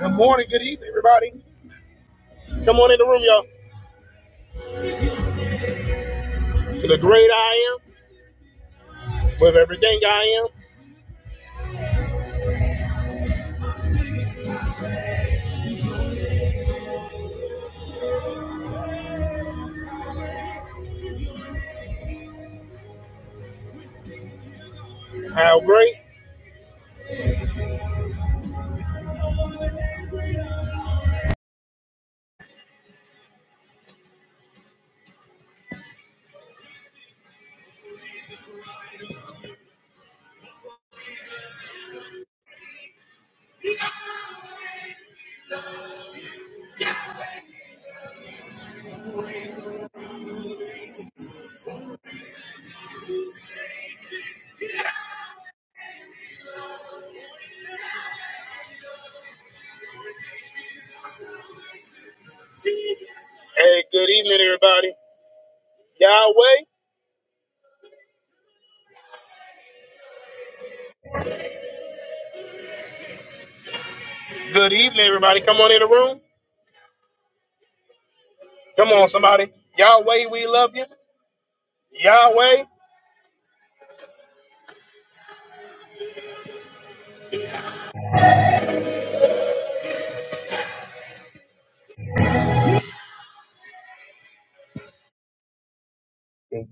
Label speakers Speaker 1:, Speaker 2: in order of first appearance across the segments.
Speaker 1: Good morning, good evening, everybody. Come on in the room, y'all. To the great I am, with everything I am, how great. Hey, good evening, everybody. Yahweh, good evening, everybody. Come on in the room. Come on, somebody. Yahweh, we love you. Yahweh.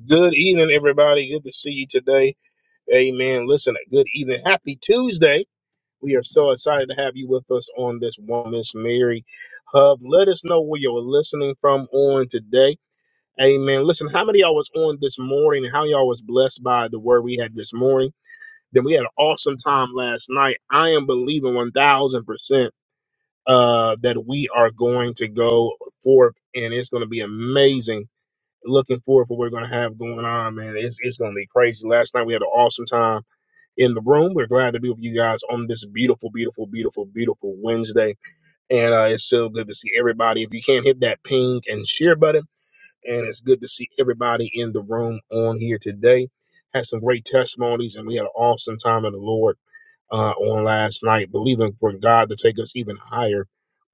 Speaker 1: Good evening, everybody. Good to see you today. Amen. Listen, good evening. Happy Tuesday. We are so excited to have you with us on this Woman's Mary Hub. Let us know where you're listening from on today. Amen. Listen, how many of y'all was on this morning? How y'all was blessed by the word we had this morning? Then we had an awesome time last night. I am believing 1000% uh, that we are going to go forth and it's going to be amazing. Looking forward for what we're going to have going on, man. It's, it's going to be crazy. Last night we had an awesome time in the room. We're glad to be with you guys on this beautiful, beautiful, beautiful, beautiful Wednesday. And uh, it's so good to see everybody. If you can't hit that pink and share button, and it's good to see everybody in the room on here today. Had some great testimonies, and we had an awesome time in the Lord uh, on last night, believing for God to take us even higher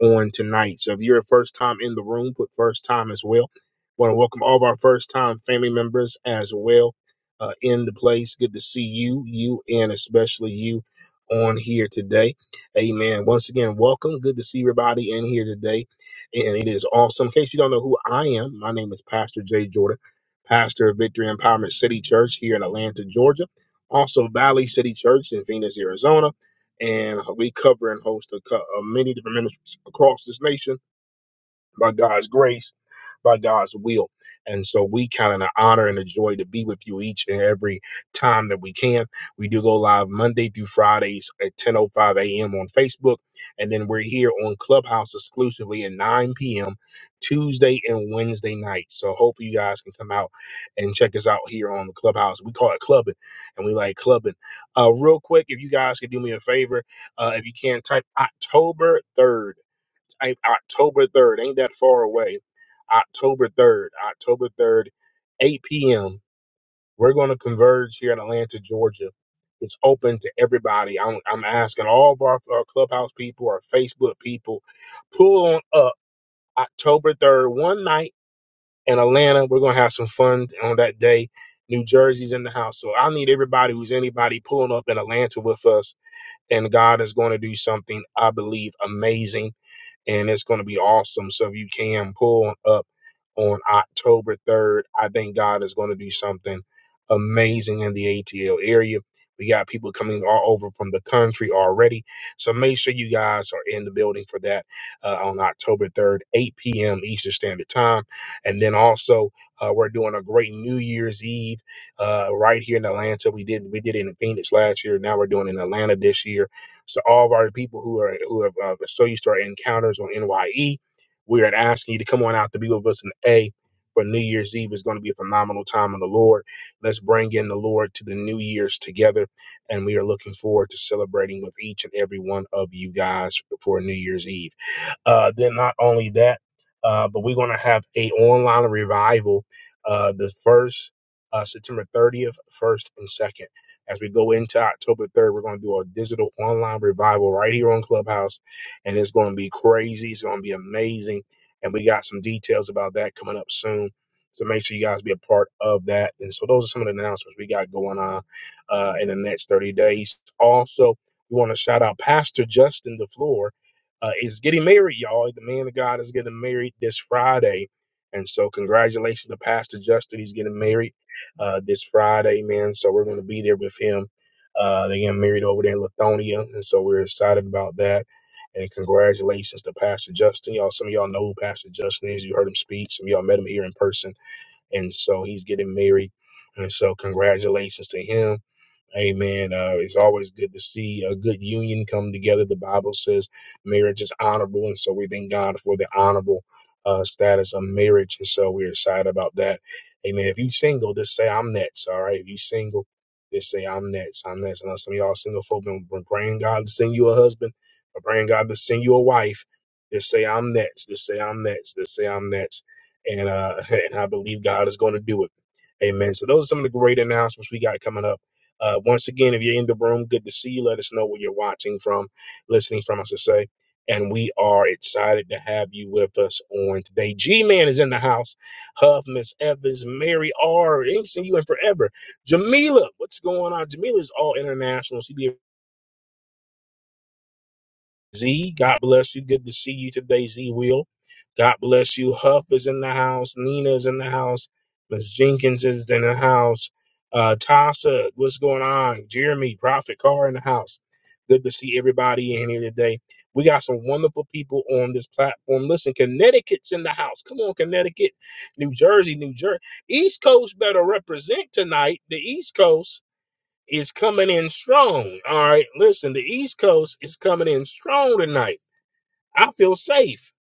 Speaker 1: on tonight. So if you're a first time in the room, put first time as well. Want to welcome all of our first time family members as well uh, in the place. Good to see you, you, and especially you on here today. Amen. Once again, welcome. Good to see everybody in here today and it is awesome. In case you don't know who I am, my name is Pastor Jay Jordan, pastor of Victory Empowerment City Church here in Atlanta, Georgia, also Valley City Church in Phoenix, Arizona, and we cover and host a, co- uh, many different ministries across this nation by God's grace, by God's will. And so we count it an honor and a joy to be with you each and every time that we can. We do go live Monday through Fridays at 10.05 a.m. on Facebook. And then we're here on Clubhouse exclusively at 9 p.m. Tuesday and Wednesday night. So hopefully you guys can come out and check us out here on the Clubhouse. We call it clubbing and we like clubbing. Uh, real quick, if you guys could do me a favor, uh, if you can type October 3rd I, October 3rd. Ain't that far away. October 3rd. October 3rd, 8 p.m. We're going to converge here in Atlanta, Georgia. It's open to everybody. I'm, I'm asking all of our, our clubhouse people, our Facebook people, pull on up October 3rd, one night in Atlanta. We're going to have some fun on that day. New Jersey's in the house. So I need everybody who's anybody pulling up in Atlanta with us. And God is going to do something, I believe, amazing and it's going to be awesome. So if you can pull up on October 3rd. I think God is going to do something amazing in the ATL area. We got people coming all over from the country already. So make sure you guys are in the building for that uh, on October 3rd, 8 p.m. Eastern Standard Time. And then also, uh, we're doing a great New Year's Eve uh, right here in Atlanta. We did we did it in Phoenix last year. Now we're doing it in Atlanta this year. So all of our people who are who have uh, so used to our encounters on NYE, we are asking you to come on out to be with us in A for New Year's Eve. is going to be a phenomenal time in the Lord. Let's bring in the Lord to the New Year's together. And we are looking forward to celebrating with each and every one of you guys for New Year's Eve. Uh, then not only that, uh, but we're going to have a online revival uh, the first uh, September 30th, first and second. As we go into October 3rd, we're going to do a digital online revival right here on Clubhouse and it's going to be crazy. It's going to be amazing, and we got some details about that coming up soon. So make sure you guys be a part of that. And so those are some of the announcements we got going on uh, in the next 30 days. Also, we want to shout out Pastor Justin DeFleur uh, is getting married, y'all. The man of God is getting married this Friday. And so, congratulations to Pastor Justin. He's getting married uh, this Friday, man. So, we're going to be there with him. Uh, they getting married over there in Lithonia. And so, we're excited about that. And congratulations to Pastor Justin. Y'all, some of y'all know who Pastor Justin is. You heard him speak. Some of y'all met him here in person. And so he's getting married. And so congratulations to him. Amen. Uh, it's always good to see a good union come together. The Bible says marriage is honorable, and so we thank God for the honorable uh, status of marriage, and so we're excited about that. Amen. If you are single, just say I'm next. All right. If you are single, just say I'm next. I'm next. I know some of y'all single folk been, been praying God to send you a husband, or praying God to send you a wife. Just say I'm next. Just say I'm next. Just say I'm next. And uh, and I believe God is going to do it. Amen. So those are some of the great announcements we got coming up. Uh, once again, if you're in the room, good to see you. Let us know where you're watching from, listening from, I should say. And we are excited to have you with us on today. G Man is in the house. Huff, Miss Evans, Mary R. Ain't seen you in forever. Jamila, what's going on? Jamila is all international. She Z, God bless you. Good to see you today, Z Will. God bless you. Huff is in the house. Nina is in the house. Miss Jenkins is in the house. Uh, Tasha, what's going on? Jeremy, Prophet Carr in the house. Good to see everybody in here today. We got some wonderful people on this platform. Listen, Connecticut's in the house. Come on, Connecticut, New Jersey, New Jersey. East Coast better represent tonight. The East Coast is coming in strong. All right, listen, the East Coast is coming in strong tonight. I feel safe.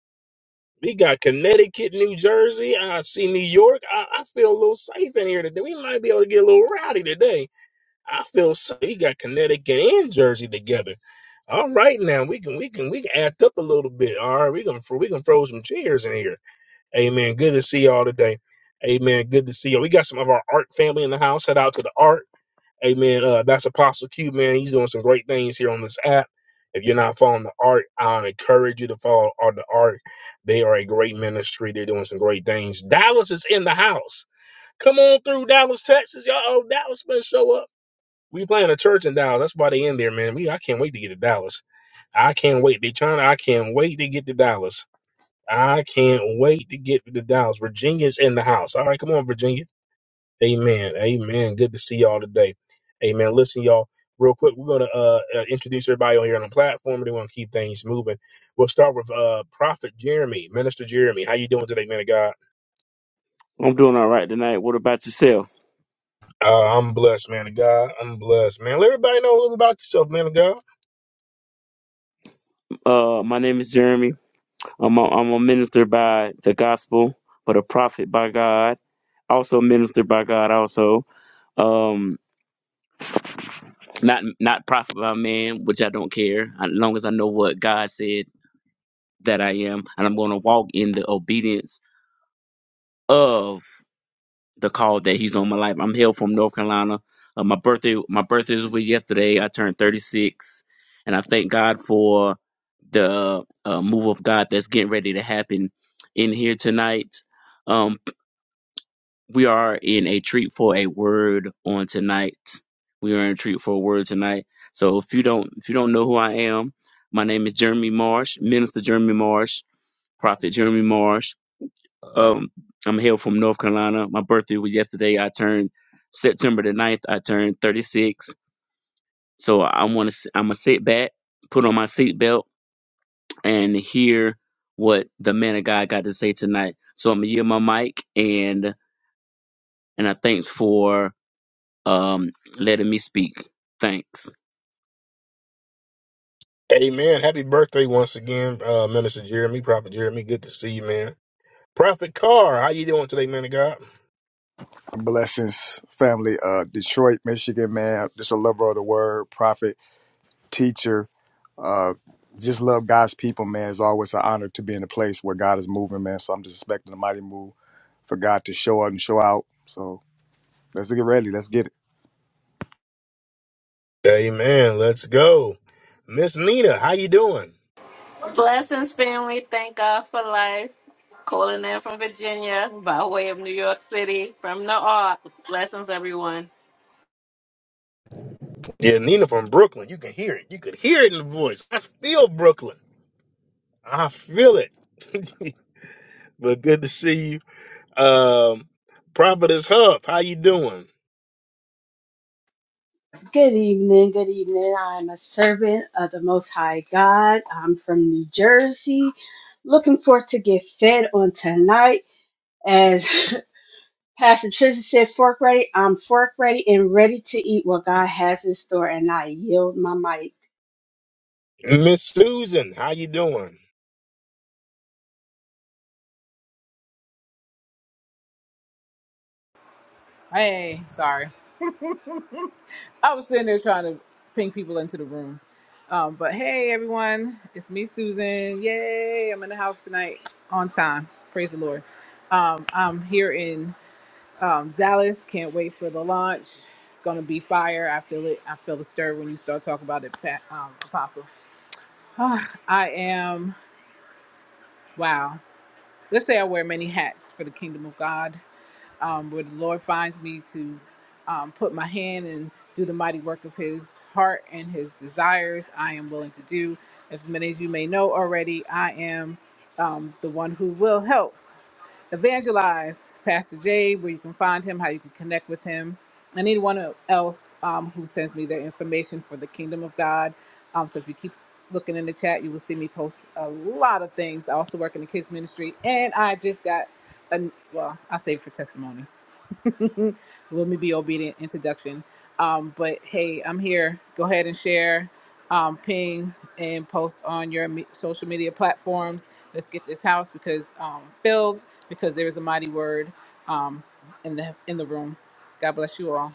Speaker 1: We got Connecticut, New Jersey. I see New York. I, I feel a little safe in here today. We might be able to get a little rowdy today. I feel safe. We got Connecticut and Jersey together. All right, now we can we can we can act up a little bit. All right, we can we can throw some chairs in here. Amen. Good to see y'all today. Amen. Good to see y'all. We got some of our art family in the house. Shout out to the art. Amen. Uh, that's Apostle Q, man. He's doing some great things here on this app. If you're not following the art, I encourage you to follow all the art. They are a great ministry. They're doing some great things. Dallas is in the house. Come on through Dallas, Texas. Y'all, oh, Dallas better show up. We playing a church in Dallas. That's why they in there, man. Me, I can't wait to get to Dallas. I can't wait. They trying to, I can't wait to get to Dallas. I can't wait to get to Dallas. Virginia's in the house. All right, come on, Virginia. Amen. Amen. Good to see y'all today. Amen. Listen, y'all, real quick, we're gonna uh, uh introduce everybody on here on the platform. They want to keep things moving. We'll start with uh Prophet Jeremy, Minister Jeremy. How you doing today, man of God?
Speaker 2: I'm doing all right tonight. What about yourself?
Speaker 1: Uh, I'm blessed, man of God. I'm blessed, man. Let everybody know a little about yourself, man of God.
Speaker 2: Uh, my name is Jeremy. I'm a, I'm a minister by the gospel, but a prophet by God. Also minister by God. Also, um, not not prophet by man, which I don't care. As long as I know what God said that I am, and I'm going to walk in the obedience of the call that He's on my life. I'm hail from North Carolina. Uh, my birthday my birthday was yesterday. I turned 36, and I thank God for. the uh, move of God that's getting ready to happen in here tonight. Um, we are in a treat for a word on tonight. We are in a treat for a word tonight. So if you don't if you don't know who I am, my name is Jeremy Marsh, Minister Jeremy Marsh, Prophet Jeremy Marsh. Um, I'm hail from North Carolina. My birthday was yesterday. I turned September the ninth. I turned 36. So I want to I'm gonna sit back, put on my seatbelt and hear what the man of God got to say tonight. So I'm gonna yield my mic and and I thanks for um letting me speak. Thanks.
Speaker 1: Amen. Happy birthday once again, uh, Minister Jeremy, Prophet Jeremy. Good to see you, man. Prophet Carr, how you doing today, man of God?
Speaker 3: Blessings, family. Uh, Detroit, Michigan, man. I'm Just a lover of the word, prophet, teacher. Uh, just love God's people, man. It's always an honor to be in a place where God is moving, man. So I'm just expecting a mighty move for God to show up and show out. So let's get ready. Let's get it.
Speaker 1: Amen. Let's go. Miss Nina, how you doing?
Speaker 4: Blessings, family. Thank God for life. Calling in from Virginia by way of New York City from the art. Blessings, everyone.
Speaker 1: Yeah, Nina from Brooklyn. You can hear it. You could hear it in the voice. I feel Brooklyn. I feel it. but good to see you. Um Prophetess Huff, how you doing?
Speaker 5: Good evening, good evening. I'm a servant of the Most High God. I'm from New Jersey. Looking forward to get fed on tonight. As Pastor Trisha said, fork ready. I'm fork ready and ready to eat what God has in store, and I yield my mic.
Speaker 1: Miss Susan, how you doing?
Speaker 6: Hey, sorry. I was sitting there trying to ping people into the room. Um, but hey, everyone, it's me, Susan. Yay, I'm in the house tonight on time. Praise the Lord. Um, I'm here in um, Dallas. Can't wait for the launch. It's going to be fire. I feel it. I feel the stir when you start talking about it, Pat, um, Apostle. Ah, I am, wow. Let's say I wear many hats for the kingdom of God. um, where the Lord finds me to um, put my hand and do the mighty work of His heart and His desires, I am willing to do. As many as you may know already, I am um, the one who will help evangelize Pastor Jay, where you can find him, how you can connect with him, and anyone else um, who sends me their information for the kingdom of God. Um, so if you keep looking in the chat, you will see me post a lot of things. I also work in the kids ministry, and I just got, an, well, I save it for testimony. Let me be obedient introduction. Um, but hey, I'm here. Go ahead and share, um, ping, and post on your me- social media platforms. Let's get this house because um, filled because there is a mighty word um, in the in the room. God bless you all.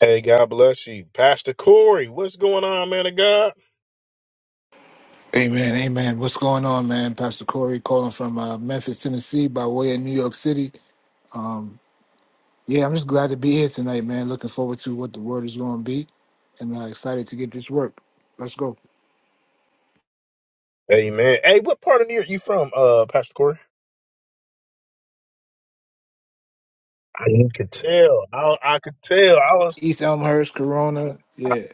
Speaker 1: Hey, God bless you. Pastor Corey, what's going on, man of God?
Speaker 7: Amen, amen. What's going on, man? Pastor Corey calling from uh, Memphis, Tennessee, by way of New York City. Um, yeah, I'm just glad to be here tonight, man. Looking forward to what the word is going to be, and uh, excited to get this work. Let's go.
Speaker 1: Amen. Hey, what part of New York you from, uh, Pastor Corey? I could tell. I, I could tell. I was
Speaker 7: East Elmhurst, Corona. Yeah,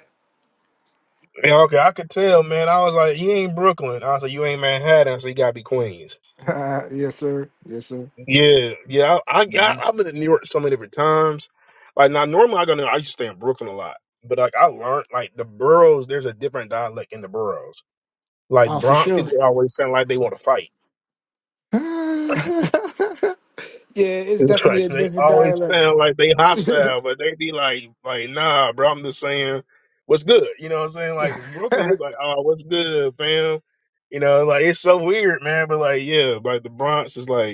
Speaker 1: yeah, okay. I could tell, man. I was like, you ain't Brooklyn. I was like, you ain't Manhattan. I said, you gotta be Queens.
Speaker 7: yes, sir. Yes, sir.
Speaker 1: Yeah, yeah. I, I got.
Speaker 7: hmm
Speaker 1: I've been in New York so many different times. Like now, normally I go. to- I used to stay in Brooklyn a lot, but like I learned like the boroughs. There's a different dialect in the boroughs. Like
Speaker 7: Oh, for
Speaker 1: Bronx
Speaker 7: sure.
Speaker 1: people always sound like they want to fight.
Speaker 7: yeah, it's
Speaker 1: It's
Speaker 7: definitely
Speaker 1: like
Speaker 7: a
Speaker 1: they
Speaker 7: different
Speaker 1: always
Speaker 7: dialect.
Speaker 1: sound like they hostile, but they be like, like nah, bro. I'm just saying, what's good? You know what I'm saying? Like Brooklyn, they be like, oh, what's good, fam? You know, like it's so weird, man. But like, yeah, like the Bronx is like.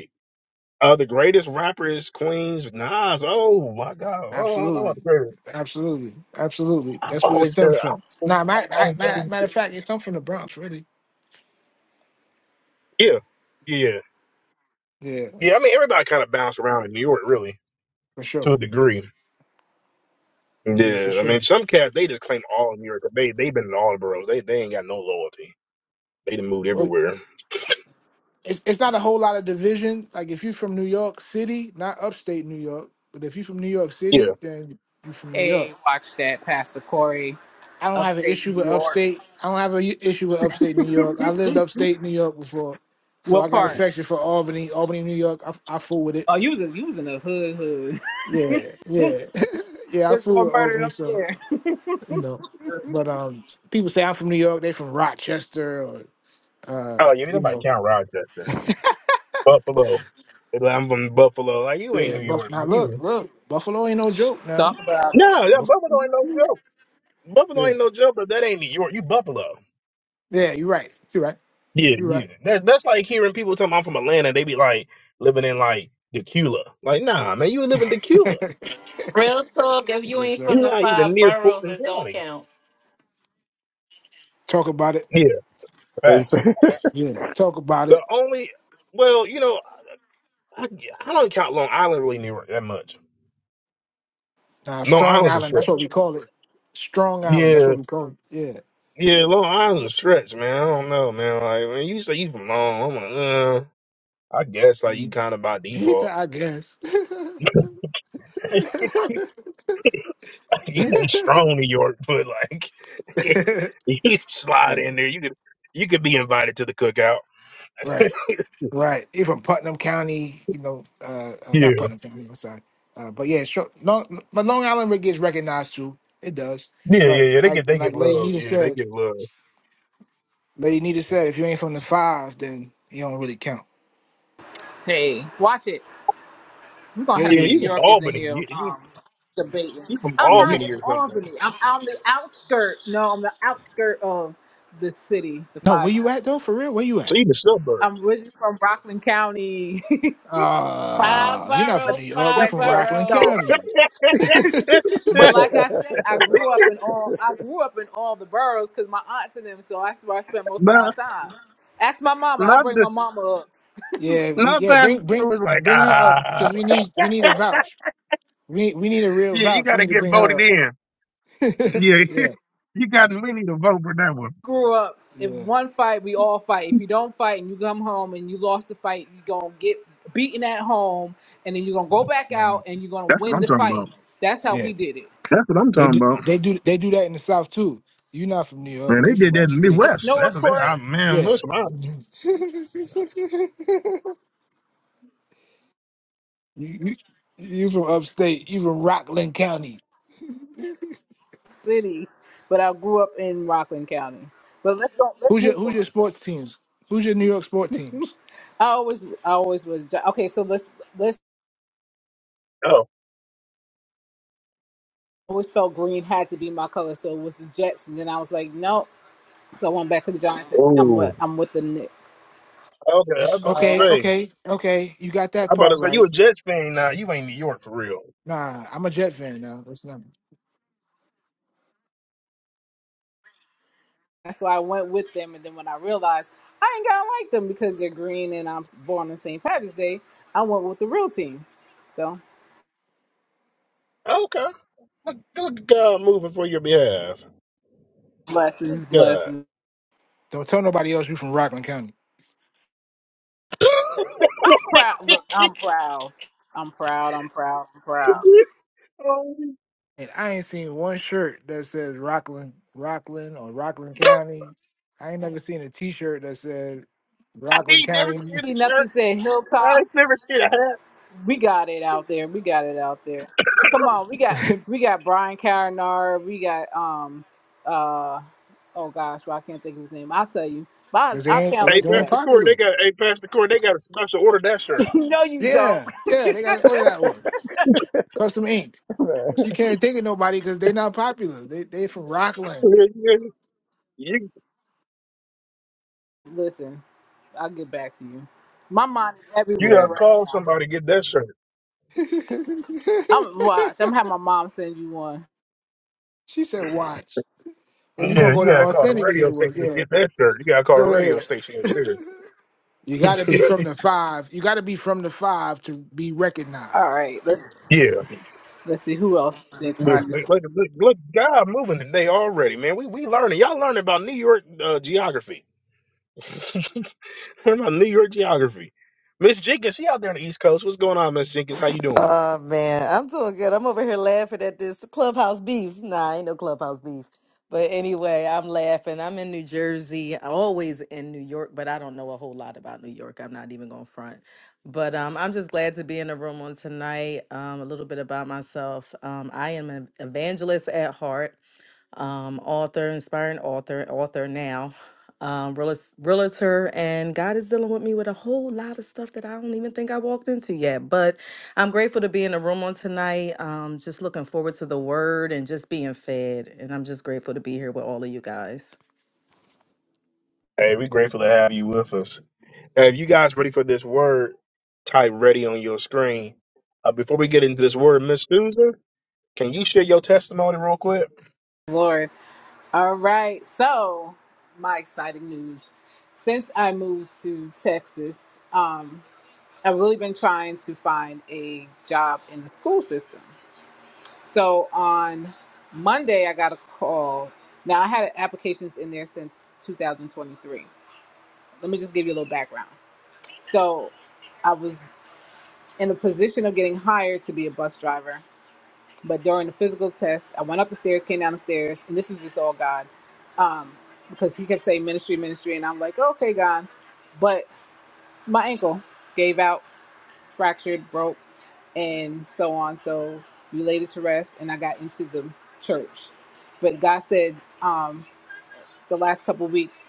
Speaker 1: Uh, the greatest rappers, Queens Nas. Oh my God! Oh, I don't know about
Speaker 7: Absolutely.
Speaker 1: the greatest.
Speaker 7: Absolutely, absolutely.
Speaker 1: I've
Speaker 7: That's where it
Speaker 1: always been.
Speaker 7: stems from.
Speaker 1: I've always,
Speaker 7: Now, matter,
Speaker 1: I've
Speaker 7: matter,
Speaker 1: always
Speaker 7: matter of fact, it comes from the Bronx, really.
Speaker 1: yeah, yeah,
Speaker 7: Yeah,
Speaker 1: yeah. I mean, everybody kind of bounced around in New York, really,
Speaker 7: for sure.
Speaker 1: to a degree.
Speaker 7: Yeah, for
Speaker 1: Yeah, I
Speaker 7: sure.
Speaker 1: mean, some cats they just claim all of New York. They they've been in all the boroughs. They they ain't got no loyalty. They done moved
Speaker 7: Well,
Speaker 1: everywhere.
Speaker 7: it's, it's not a whole lot of division. Like if you're from New York City, not upstate New York, but if you're from New York City,
Speaker 1: Yeah.
Speaker 7: then you're from New
Speaker 6: Hey,
Speaker 7: York.
Speaker 6: watch that, Pastor Corey,
Speaker 7: I don't have an
Speaker 6: upstate
Speaker 7: issue
Speaker 6: New
Speaker 7: with
Speaker 6: York.
Speaker 7: upstate. I don't have an issue with upstate New York. I lived upstate New York before, so
Speaker 6: What
Speaker 7: I got
Speaker 6: part?
Speaker 7: affection for Albany. Albany, New York. I, I fool with it.
Speaker 6: Oh, you was in, you was in the hood hood.
Speaker 7: Yeah, yeah, yeah. I
Speaker 6: There's more
Speaker 7: fool with
Speaker 6: murder
Speaker 7: Albany,
Speaker 6: up
Speaker 7: so
Speaker 6: there.
Speaker 7: you know. But um, people say I'm from New York. They from Rochester or uh,
Speaker 1: Oh, you ain't
Speaker 7: you
Speaker 1: nobody
Speaker 7: know
Speaker 1: count Rochester, Buffalo. They be like, I'm from Buffalo. Like you ain't
Speaker 7: Yeah,
Speaker 1: New
Speaker 7: Buff.
Speaker 1: York,
Speaker 7: Now
Speaker 1: man.
Speaker 7: look,
Speaker 1: You
Speaker 7: look, Buffalo ain't no joke.
Speaker 6: Talk
Speaker 7: Now,
Speaker 6: about it.
Speaker 1: no, yeah,
Speaker 7: Buff.
Speaker 1: Buffalo ain't no joke. Buffalo
Speaker 7: Yeah,
Speaker 1: ain't no joke, but that ain't New York. You Buffalo.
Speaker 7: yeah. You're right. You're right.
Speaker 1: Yeah,
Speaker 7: You're
Speaker 1: yeah.
Speaker 7: right.
Speaker 1: That's that's like hearing people tell me I'm from Atlanta they be like living in like Decula. Like, nah, man, you live in Decula.
Speaker 4: Real talk, if you
Speaker 7: yes,
Speaker 4: ain't
Speaker 7: sir.
Speaker 4: from
Speaker 1: You're
Speaker 4: the
Speaker 1: not even
Speaker 4: five
Speaker 1: near
Speaker 4: boroughs,
Speaker 1: Fulton
Speaker 4: it don't
Speaker 1: County.
Speaker 4: count.
Speaker 7: Talk about it.
Speaker 1: Yeah, facts.
Speaker 7: Yeah, talk about
Speaker 1: The
Speaker 7: it.
Speaker 1: only, well, you know, I, I don't count Long Island really New York that much.
Speaker 7: Now,
Speaker 1: Long
Speaker 7: Strong
Speaker 1: Island's a
Speaker 7: Island. That's what
Speaker 1: stretch.
Speaker 7: we call it. Strong Island. That's
Speaker 1: Yeah,
Speaker 7: what we call it. Yeah.
Speaker 1: yeah, Long Island's a stretch, man. I don't know, man. Like when you say you from Long, I'm like, uh, I guess like you
Speaker 7: Mm.
Speaker 1: kind of by
Speaker 7: He
Speaker 1: default.
Speaker 7: said, I guess.
Speaker 1: You ain't strong New York, but like you can slide
Speaker 7: yeah.
Speaker 1: in there. You could you could be invited to the cookout.
Speaker 7: Right. Right. you from Putnam County, you know, uh, uh
Speaker 1: Yeah,
Speaker 7: not Putnam County, I'm sorry. Uh, but yeah, sure. Long, but Long Island Rick gets recognized too. It does.
Speaker 1: yeah, yeah,
Speaker 7: But
Speaker 1: yeah. They
Speaker 7: like
Speaker 1: get they get
Speaker 7: like Lady
Speaker 1: love.
Speaker 7: Nita
Speaker 1: Yeah, they
Speaker 7: said,
Speaker 1: get love.
Speaker 7: Lady Nita said, if you ain't from the five, then you don't really count.
Speaker 6: Hey, watch it. We're gonna have
Speaker 1: Yeah,
Speaker 6: some
Speaker 1: you
Speaker 6: New
Speaker 1: from
Speaker 7: Hey,
Speaker 6: Yorkers in
Speaker 1: Albany.
Speaker 6: here
Speaker 1: You you,
Speaker 6: um, debating.
Speaker 1: you from
Speaker 6: I'm
Speaker 7: yeah,
Speaker 6: not
Speaker 7: you
Speaker 1: Albany
Speaker 6: in
Speaker 1: or something?
Speaker 6: Albany. I'm on the outskirt. No, I'm the outskirt of the city, the
Speaker 7: no, where
Speaker 6: five.
Speaker 7: you at though? For real? Where you
Speaker 1: So
Speaker 7: at?
Speaker 1: you the suburbs.
Speaker 6: I'm originally from Rockland County,
Speaker 4: Five
Speaker 7: Uh you're not from
Speaker 6: but
Speaker 7: New
Speaker 4: boroughs,
Speaker 7: York, you're
Speaker 4: five
Speaker 7: from
Speaker 6: Westchester.
Speaker 7: Rockland
Speaker 4: boroughs.
Speaker 6: No,
Speaker 7: County.
Speaker 6: but like I said, I grew up in all. I grew up in all the boroughs because my aunts and them. So that's where I spent most of my
Speaker 1: nah,
Speaker 6: time. Ask my mama. I'll
Speaker 1: not
Speaker 6: bring
Speaker 1: the
Speaker 6: my mama up.
Speaker 7: Yeah, y-
Speaker 1: not
Speaker 7: yeah. Bring
Speaker 1: Pastor
Speaker 7: bring
Speaker 1: Crew was like
Speaker 7: bring her up
Speaker 1: ah.
Speaker 7: because we need we need a vouch. We need we need a real
Speaker 1: yeah, you
Speaker 7: vouch.
Speaker 1: got
Speaker 7: We
Speaker 1: to
Speaker 7: need to
Speaker 1: get
Speaker 7: bring her
Speaker 1: voted
Speaker 7: up.
Speaker 1: in. Yeah,
Speaker 7: yeah,
Speaker 1: you got we need a vote for that one.
Speaker 6: grew up, if
Speaker 7: yeah,
Speaker 6: one fight, we all fight. If you don't fight and you come home and you lost the fight, you going to get beaten at home and then you're going to go back
Speaker 7: uh,
Speaker 6: out and you're going to
Speaker 1: That's what
Speaker 6: win
Speaker 1: I'm
Speaker 6: the
Speaker 1: talking
Speaker 6: fight.
Speaker 1: about.
Speaker 6: That's how
Speaker 7: yeah.
Speaker 6: we did it.
Speaker 1: That's what I'm
Speaker 7: They
Speaker 1: talking
Speaker 7: do
Speaker 1: about.
Speaker 7: they do they do that in the South too. You're not from New
Speaker 1: Man,
Speaker 7: York.
Speaker 1: they
Speaker 7: You from
Speaker 1: did that in the
Speaker 7: upstate.
Speaker 1: Midwest.
Speaker 6: No
Speaker 1: That's what they,
Speaker 6: Court
Speaker 1: I, man,
Speaker 7: Yeah.
Speaker 1: listen, I,
Speaker 7: you, you, you from upstate. You from Rockland County.
Speaker 6: City, but I grew up in Rockland County. But let's go, let's
Speaker 7: Who's your
Speaker 6: move
Speaker 7: who's
Speaker 6: on.
Speaker 7: your sports teams? Who's your New York sport teams?
Speaker 6: I always, I always was Ja- okay. So let's let's
Speaker 1: oh,
Speaker 6: I always felt green had to be my color. So it was the Jets, and then I was like, no. So I went back to the Giants, and I'm with
Speaker 1: oh,
Speaker 6: I'm with the Knicks.
Speaker 1: okay. I was
Speaker 7: That's
Speaker 1: about to
Speaker 7: okay,
Speaker 1: say,
Speaker 7: okay, okay. You got
Speaker 1: I was
Speaker 7: that
Speaker 1: about to
Speaker 7: part
Speaker 1: say, you
Speaker 7: right.
Speaker 1: a Jets fan now? You ain't New York for real.
Speaker 7: Nah, I'm a Jet fan now. That's not.
Speaker 6: That's why I went with them. And then when I realized I ain't got to like them because they're green and I'm born on St. Patrick's Day, I went with the real team. So
Speaker 1: Okay, look, look at God moving for your behalf. Look
Speaker 6: blessings,
Speaker 1: at God.
Speaker 6: blessings.
Speaker 7: Don't tell nobody else you from Rockland County.
Speaker 6: I'm proud. Look, I'm proud. I'm proud. I'm proud. I'm proud.
Speaker 1: Oh,
Speaker 7: And I ain't seen one shirt that says Rockland, Rockland or Rockland County. I ain't never seen a T-shirt that said
Speaker 1: I
Speaker 7: Rockland
Speaker 1: ain't never
Speaker 7: County
Speaker 1: seen a
Speaker 6: Ain't nothing
Speaker 1: shirt.
Speaker 6: said
Speaker 1: I
Speaker 6: hilltop.
Speaker 1: ain't never seen a hat.
Speaker 6: We got it out there. We got it out there. Come on, we got we got Brian Carinar. We got um uh oh gosh, well I can't think of his name. I'll tell you. But
Speaker 7: because they
Speaker 6: I, I
Speaker 7: ain't they,
Speaker 1: Hey,
Speaker 6: challenge
Speaker 7: they
Speaker 6: you
Speaker 7: ain't
Speaker 1: Pastor
Speaker 6: that.
Speaker 1: Corey, they
Speaker 7: popular.
Speaker 1: got. Hey, Pastor Corey, they got a special order that shirt.
Speaker 6: no, you don't.
Speaker 7: Yeah, yeah, they gotta order that one. Custom Ink. You can't think of nobody because they not popular. They they from Rockland.
Speaker 1: Yeah, yeah. You
Speaker 6: Listen, I'll get back to you. My mind is
Speaker 1: you
Speaker 6: everywhere
Speaker 7: Yeah.
Speaker 1: gotta
Speaker 6: right
Speaker 1: call
Speaker 6: now.
Speaker 1: somebody to get that shirt.
Speaker 6: I'm watch. I'm gonna have my mom send you one.
Speaker 7: she said, "Watch, but you gonna
Speaker 1: Yeah,
Speaker 7: go
Speaker 1: you
Speaker 7: to
Speaker 1: gotta call the
Speaker 7: authentic to
Speaker 1: radio
Speaker 7: get one."
Speaker 1: station to
Speaker 7: Yeah,
Speaker 1: get that shirt. You gotta call
Speaker 7: go
Speaker 1: the radio
Speaker 7: ahead.
Speaker 1: station over there.
Speaker 7: You gotta be from the five. You gotta be from the five to be
Speaker 6: All
Speaker 7: recognized.
Speaker 6: right, let's
Speaker 1: Yeah,
Speaker 6: let's see who else is
Speaker 7: All right.
Speaker 1: listen,
Speaker 6: introduced.
Speaker 1: look, look, look, God moving today already, man. We we learning. Y'all learning about New York uh, geography. learning about New York geography. Miss Jenkins, she out there on the East Coast. What's going on, Miss Jenkins? How you doing?
Speaker 8: Oh man, I'm doing good. I'm over here laughing at this clubhouse beef. Nah, ain't no clubhouse beef. But anyway, I'm laughing. I'm in New Jersey. I'm always in New York, but I don't know a whole lot about New York. I'm not even going to front. But um, I'm just glad to be in the room on tonight. Um, a little bit about myself. Um, I am an evangelist at heart um, author, inspiring author, author now, um, realis- realtor, and God is dealing with me with a whole lot of stuff that I don't even think I walked into yet. But I'm grateful to be in the room on tonight. Um, just looking forward to the word and just being fed. And I'm just grateful to be here with all of you guys.
Speaker 1: Hey, we grateful to have you with us. Uh, if you guys ready for this word, type ready on your screen. Uh, before we get into this word, Miss Susan, can you share your testimony real quick?
Speaker 6: Lord. All right, so my exciting news. Since I moved to Texas, um, I've really been trying to find a job in the school system. So on Monday, I got a call. Now I had applications in there since 2023. Let me just give you a little background. So I was in a position of getting hired to be a bus driver. But during the physical test, I went up the stairs, came down the stairs, and this was just all God. Um, because he kept saying ministry, ministry, and I'm like, okay, God. But my ankle gave out, fractured, broke, and so on. So we laid it to rest, and I got into the church. But God said, um, the last couple weeks,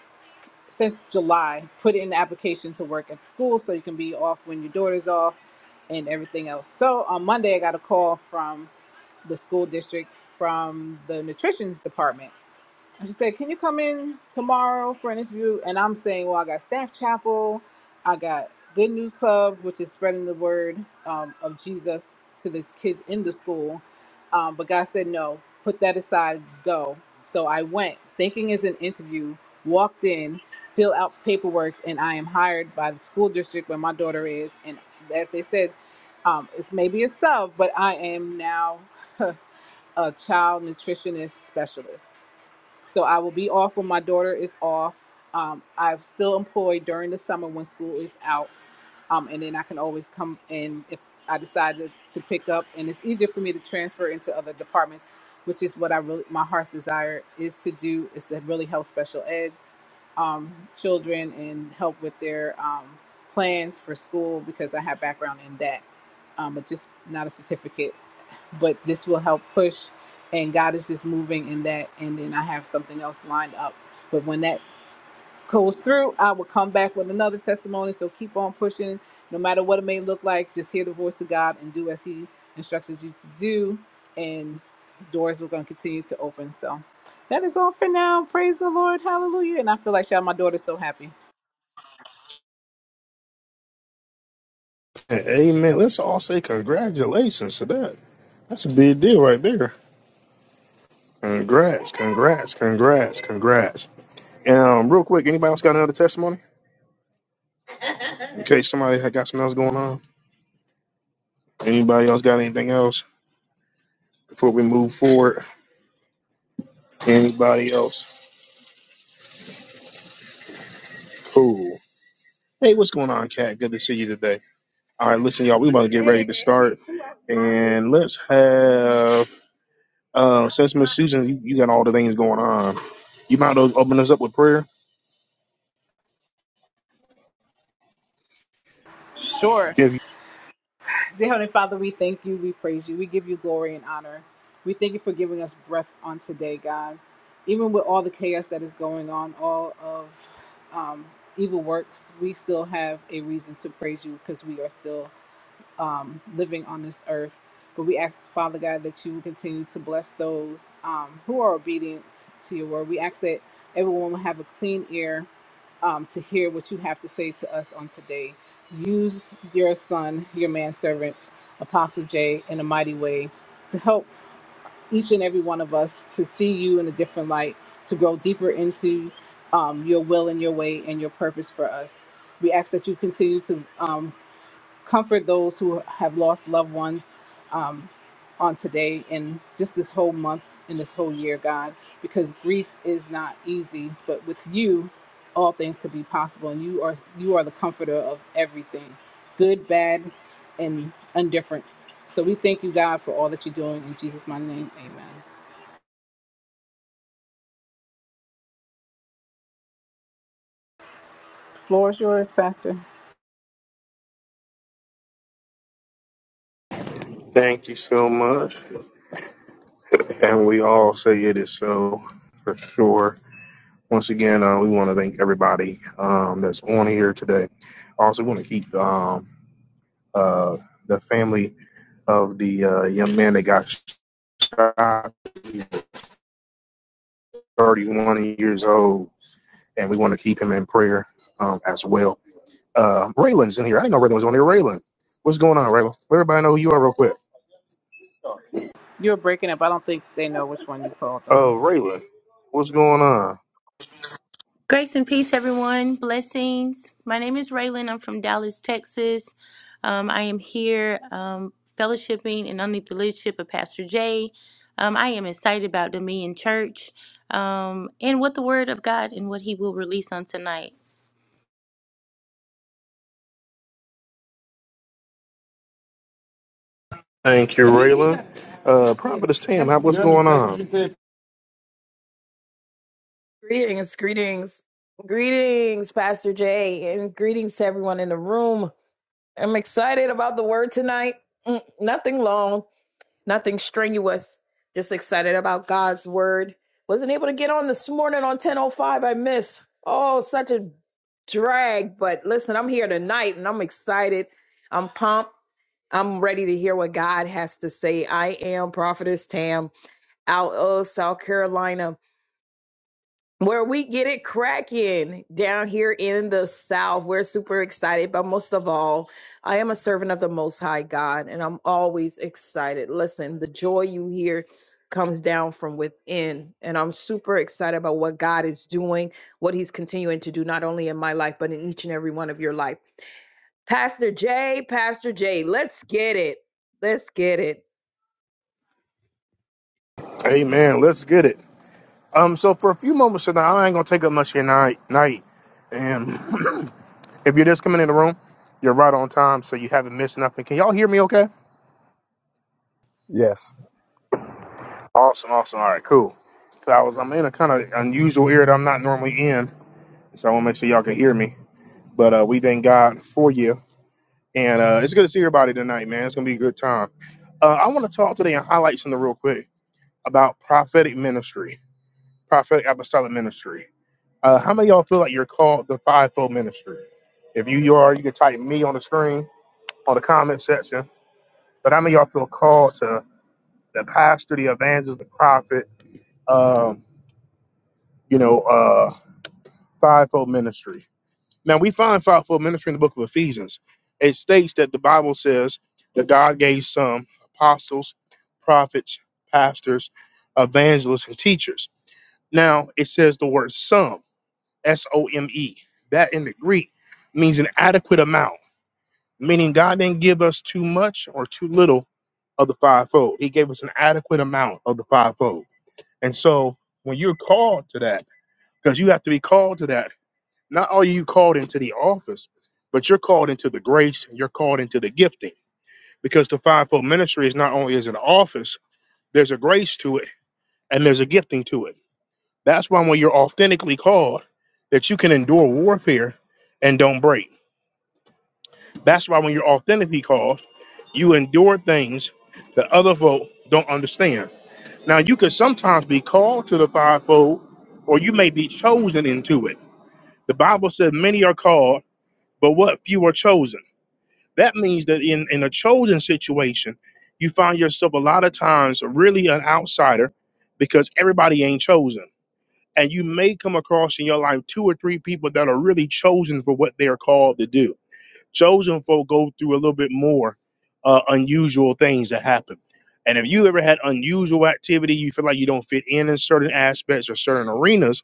Speaker 6: since July, put in the application to work at school so you can be off when your daughter's off and everything else. So on Monday, I got a call from the school district from the nutrition's department she said, Can you come in tomorrow for an interview? And I'm saying, Well, I got Staff Chapel, I got Good News Club, which is spreading the word um, of Jesus to the kids in the school. Um, but God said, No, put that aside, go. So I went, thinking it's an interview, walked in, fill out paperwork, and I am hired by the school district where my daughter is. And as they said, um, it's maybe a sub, but I am now a child nutritionist specialist. So I will be off when my daughter is off. Um, I'm still employed during the summer when school is out. Um, and then I can always come in if I decide to, to pick up. And it's easier for me to transfer into other departments, which is what I really, my heart's desire is to do, is to really help special eds um, children and help with their um, plans for school because I have background in that, um, but just not a certificate but this will help push and god is just moving in that and then i have something else lined up but when that goes through i will come back with another testimony so keep on pushing no matter what it may look like just hear the voice of god and do as he instructed you to do and doors will going to continue to open so that is all for now praise the lord hallelujah and i feel like y'all my daughter's so happy
Speaker 1: Amen. Let's all say congratulations to that. That's a big deal right there. Congrats, congrats, congrats, congrats. Um, real quick, anybody else got another testimony? In case somebody had got something else going on. Anybody else got anything else before we move forward? Anybody else? Cool. Hey, what's going on, Cat? Good to see you today. All right, listen, y'all, we about to get ready to start. And let's have, uh, since Miss Susan, you, you got all the things going on. You might as well open us up with prayer.
Speaker 6: sure
Speaker 1: Give you-
Speaker 6: Dear Heavenly Father, we thank you, we praise you, we give you glory and honor. We thank you for giving us breath on today, God. Even with all the chaos that is going on, all of um, evil works, we still have a reason to praise you because we are still um, living on this earth. But we ask, Father God, that you will continue to bless those um, who are obedient to your word. We ask that everyone will have a clean ear um, to hear what you have to say to us on today. Use your son, your manservant, Apostle J, in a mighty way to help each and every one of us to see you in a different light, to grow deeper into um, your will and your way and your purpose for us. We ask that you continue to um, comfort those who have lost loved ones um, on today and just this whole month and this whole year, God, because grief is not easy, but with you, all things could be possible, and you are you are the comforter of everything, good, bad, and indifference. So we thank you, God, for all that you're doing in Jesus' mighty name. Amen. Floor is yours, Pastor.
Speaker 1: Thank you so much. And we all say it is so for sure. once again, uh, we want to thank everybody um, that's on here today. Also, want to keep um, uh, the family of the uh, young man that got shot. He's 31 years old, and we want to keep him in prayer um, as well. Uh, Raylan's in here. I didn't know Raylan was on here. Raylan, what's going on, Raylan? Let everybody know who you are, real quick.
Speaker 6: You're breaking up. I don't think they know which one you called
Speaker 1: Oh,
Speaker 6: on.
Speaker 1: Raylan, what's going on?
Speaker 9: Grace and peace, everyone. Blessings. My name is Raylan. I'm from Dallas, Texas. Um, I am here um, fellowshipping and under the leadership of Pastor Jay. Um, I am excited about Dominion Church um, and what the Word of God and what He will release on tonight.
Speaker 1: Thank you, Raylan. Uh, Prophetess Tam, how- what's going on?
Speaker 10: Greetings, greetings, greetings, Pastor Jay, and greetings to everyone in the room. I'm excited about the word tonight. Mm, Nothing long, nothing strenuous. Just excited about God's word. Wasn't able to get on this morning on 10:05. I miss. Oh, such a drag. But listen, I'm here tonight, and I'm excited. I'm pumped. I'm ready to hear what God has to say. I am Prophetess Tam out of South Carolina where we get it cracking down here in the South. We're super excited, but most of all, I am a servant of the Most High God, and I'm always excited. Listen, the joy you hear comes down from within, and I'm super excited about what God is doing, what He's continuing to do, not only in my life, but in each and every one of your life. Pastor J, Pastor J, let's get it. Let's get it.
Speaker 1: Amen. Let's get it. Um, so for a few moments tonight, I ain't gonna take up much of your night. Night, and if you're just coming in the room, you're right on time, so you haven't missed nothing. Can y'all hear me? Okay.
Speaker 3: yes.
Speaker 1: Awesome. Awesome. All right. Cool. 'Cause I was I'm in a kind of unusual area that I'm not normally in, so I want to make sure y'all can hear me. But uh, we thank God for you, and uh, it's good to see everybody tonight, man. It's gonna be a good time. Uh, I want to talk today and highlight something real quick about prophetic ministry, prophetic apostolic ministry. Uh, how many of y'all feel like you're called the fivefold ministry? If you, you are, you can type me on the screen on the comment section. But how many of y'all feel called to the pastor, the evangelist, the prophet? Um, you know, uh, fivefold ministry. Now we find fivefold ministry in the book of Ephesians. It states that the Bible says that God gave some apostles, prophets, pastors, evangelists, and teachers. Now it says the word some. S O M E. That in the Greek means an adequate amount, meaning God didn't give us too much or too little of the fivefold. He gave us an adequate amount of the fivefold. And so when you're called to that, because you have to be called to that, not are you called into the office, but you're called into the grace and you're called into the gifting. Because the fivefold ministry is not only is an office, there's a grace to it and there's a gifting to it. That's why when you're authentically called, that you can endure warfare and don't break That's why when you're authentically called, you endure things that other folk don't understand. Now, you could sometimes be called to the fivefold, or you may be chosen into it. The Bible said, Many are called, but what few are chosen. That means that in, in a chosen situation, you find yourself a lot of times really an outsider because everybody ain't chosen. And you may come across in your life two or three people that are really chosen for what they are called to do chosen folk go through a little bit more uh, unusual things that happen. And if you ever had unusual activity, you feel like you don't fit in in certain aspects or certain arenas,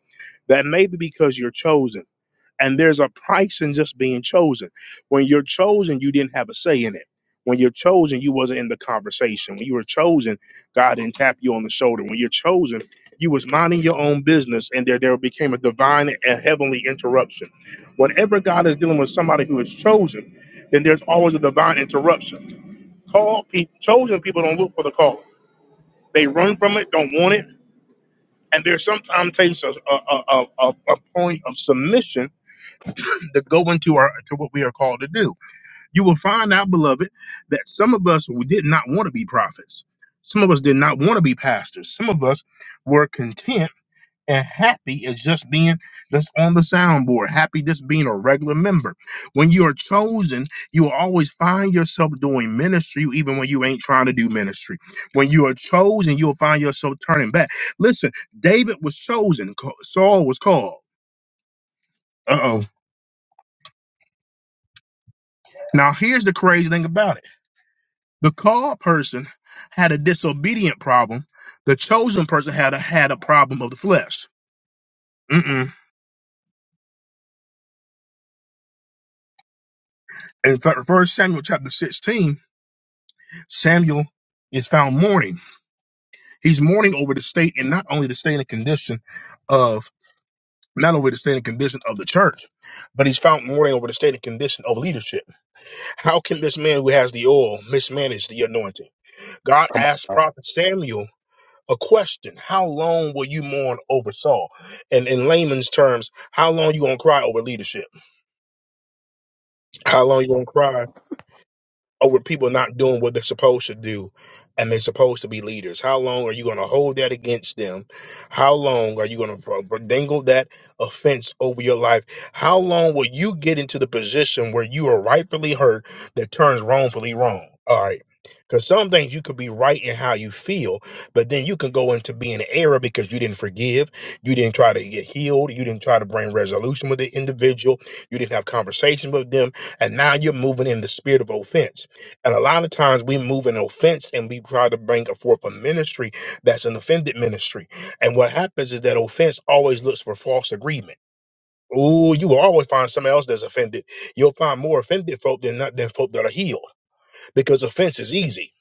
Speaker 1: that may be because you're chosen. And there's a price in just being chosen. When you're chosen, you didn't have a say in it. When you're chosen, you wasn't in the conversation. When you were chosen, God didn't tap you on the shoulder. When you're chosen, you was minding your own business, and there there became a divine and heavenly interruption. Whenever God is dealing with somebody who is chosen, then there's always a divine interruption. Call pe- chosen people don't look for the call; they run from it, don't want it, and there's sometimes takes a, a, a, a a point of submission to go into our to what we are called to do. You will find out, beloved, that some of us we did not want to be prophets. Some of us did not want to be pastors. Some of us were content and happy as just being just on the soundboard, happy just being a regular member. When you are chosen, you will always find yourself doing ministry, even when you ain't trying to do ministry. When you are chosen, you'll find yourself turning back. Listen, David was chosen, Ca- Saul was called. Uh oh. Now here's the crazy thing about it. The called person had a disobedient problem. The chosen person had a, had a problem of the flesh. Mm-mm. In fact, First Samuel chapter 16, Samuel is found mourning. He's mourning over the state and not only the state and condition of not only the state and condition of the church, but he's found mourning over the state and condition of leadership. How can this man who has the oil mismanage the anointing? God
Speaker 3: Come
Speaker 1: asked
Speaker 3: on.
Speaker 1: Prophet Samuel a question. How long will you mourn over Saul? And in layman's terms, how long you gonna cry over leadership? How long you gonna
Speaker 3: now.
Speaker 1: cry over people not doing what they're supposed to do and they're supposed to be leaders how long are you going to hold that against them how long are you going to dangle that offense over your life how long will you get into the position where you are rightfully hurt that turns wrongfully wrong all right because some things you could be right in how you feel but then you can go into being an error because you didn't forgive you didn't try to get healed you didn't try to bring resolution with the individual you didn't have conversation with them and now you're moving in the spirit of offense and a lot of times we move an offense and we try to bring forth a ministry that's an offended ministry. And what happens is that offense always looks for false agreement. Ooh, you will always find somebody else that's offended. You'll find more offended folk than not than folk that are healed because offense is easy.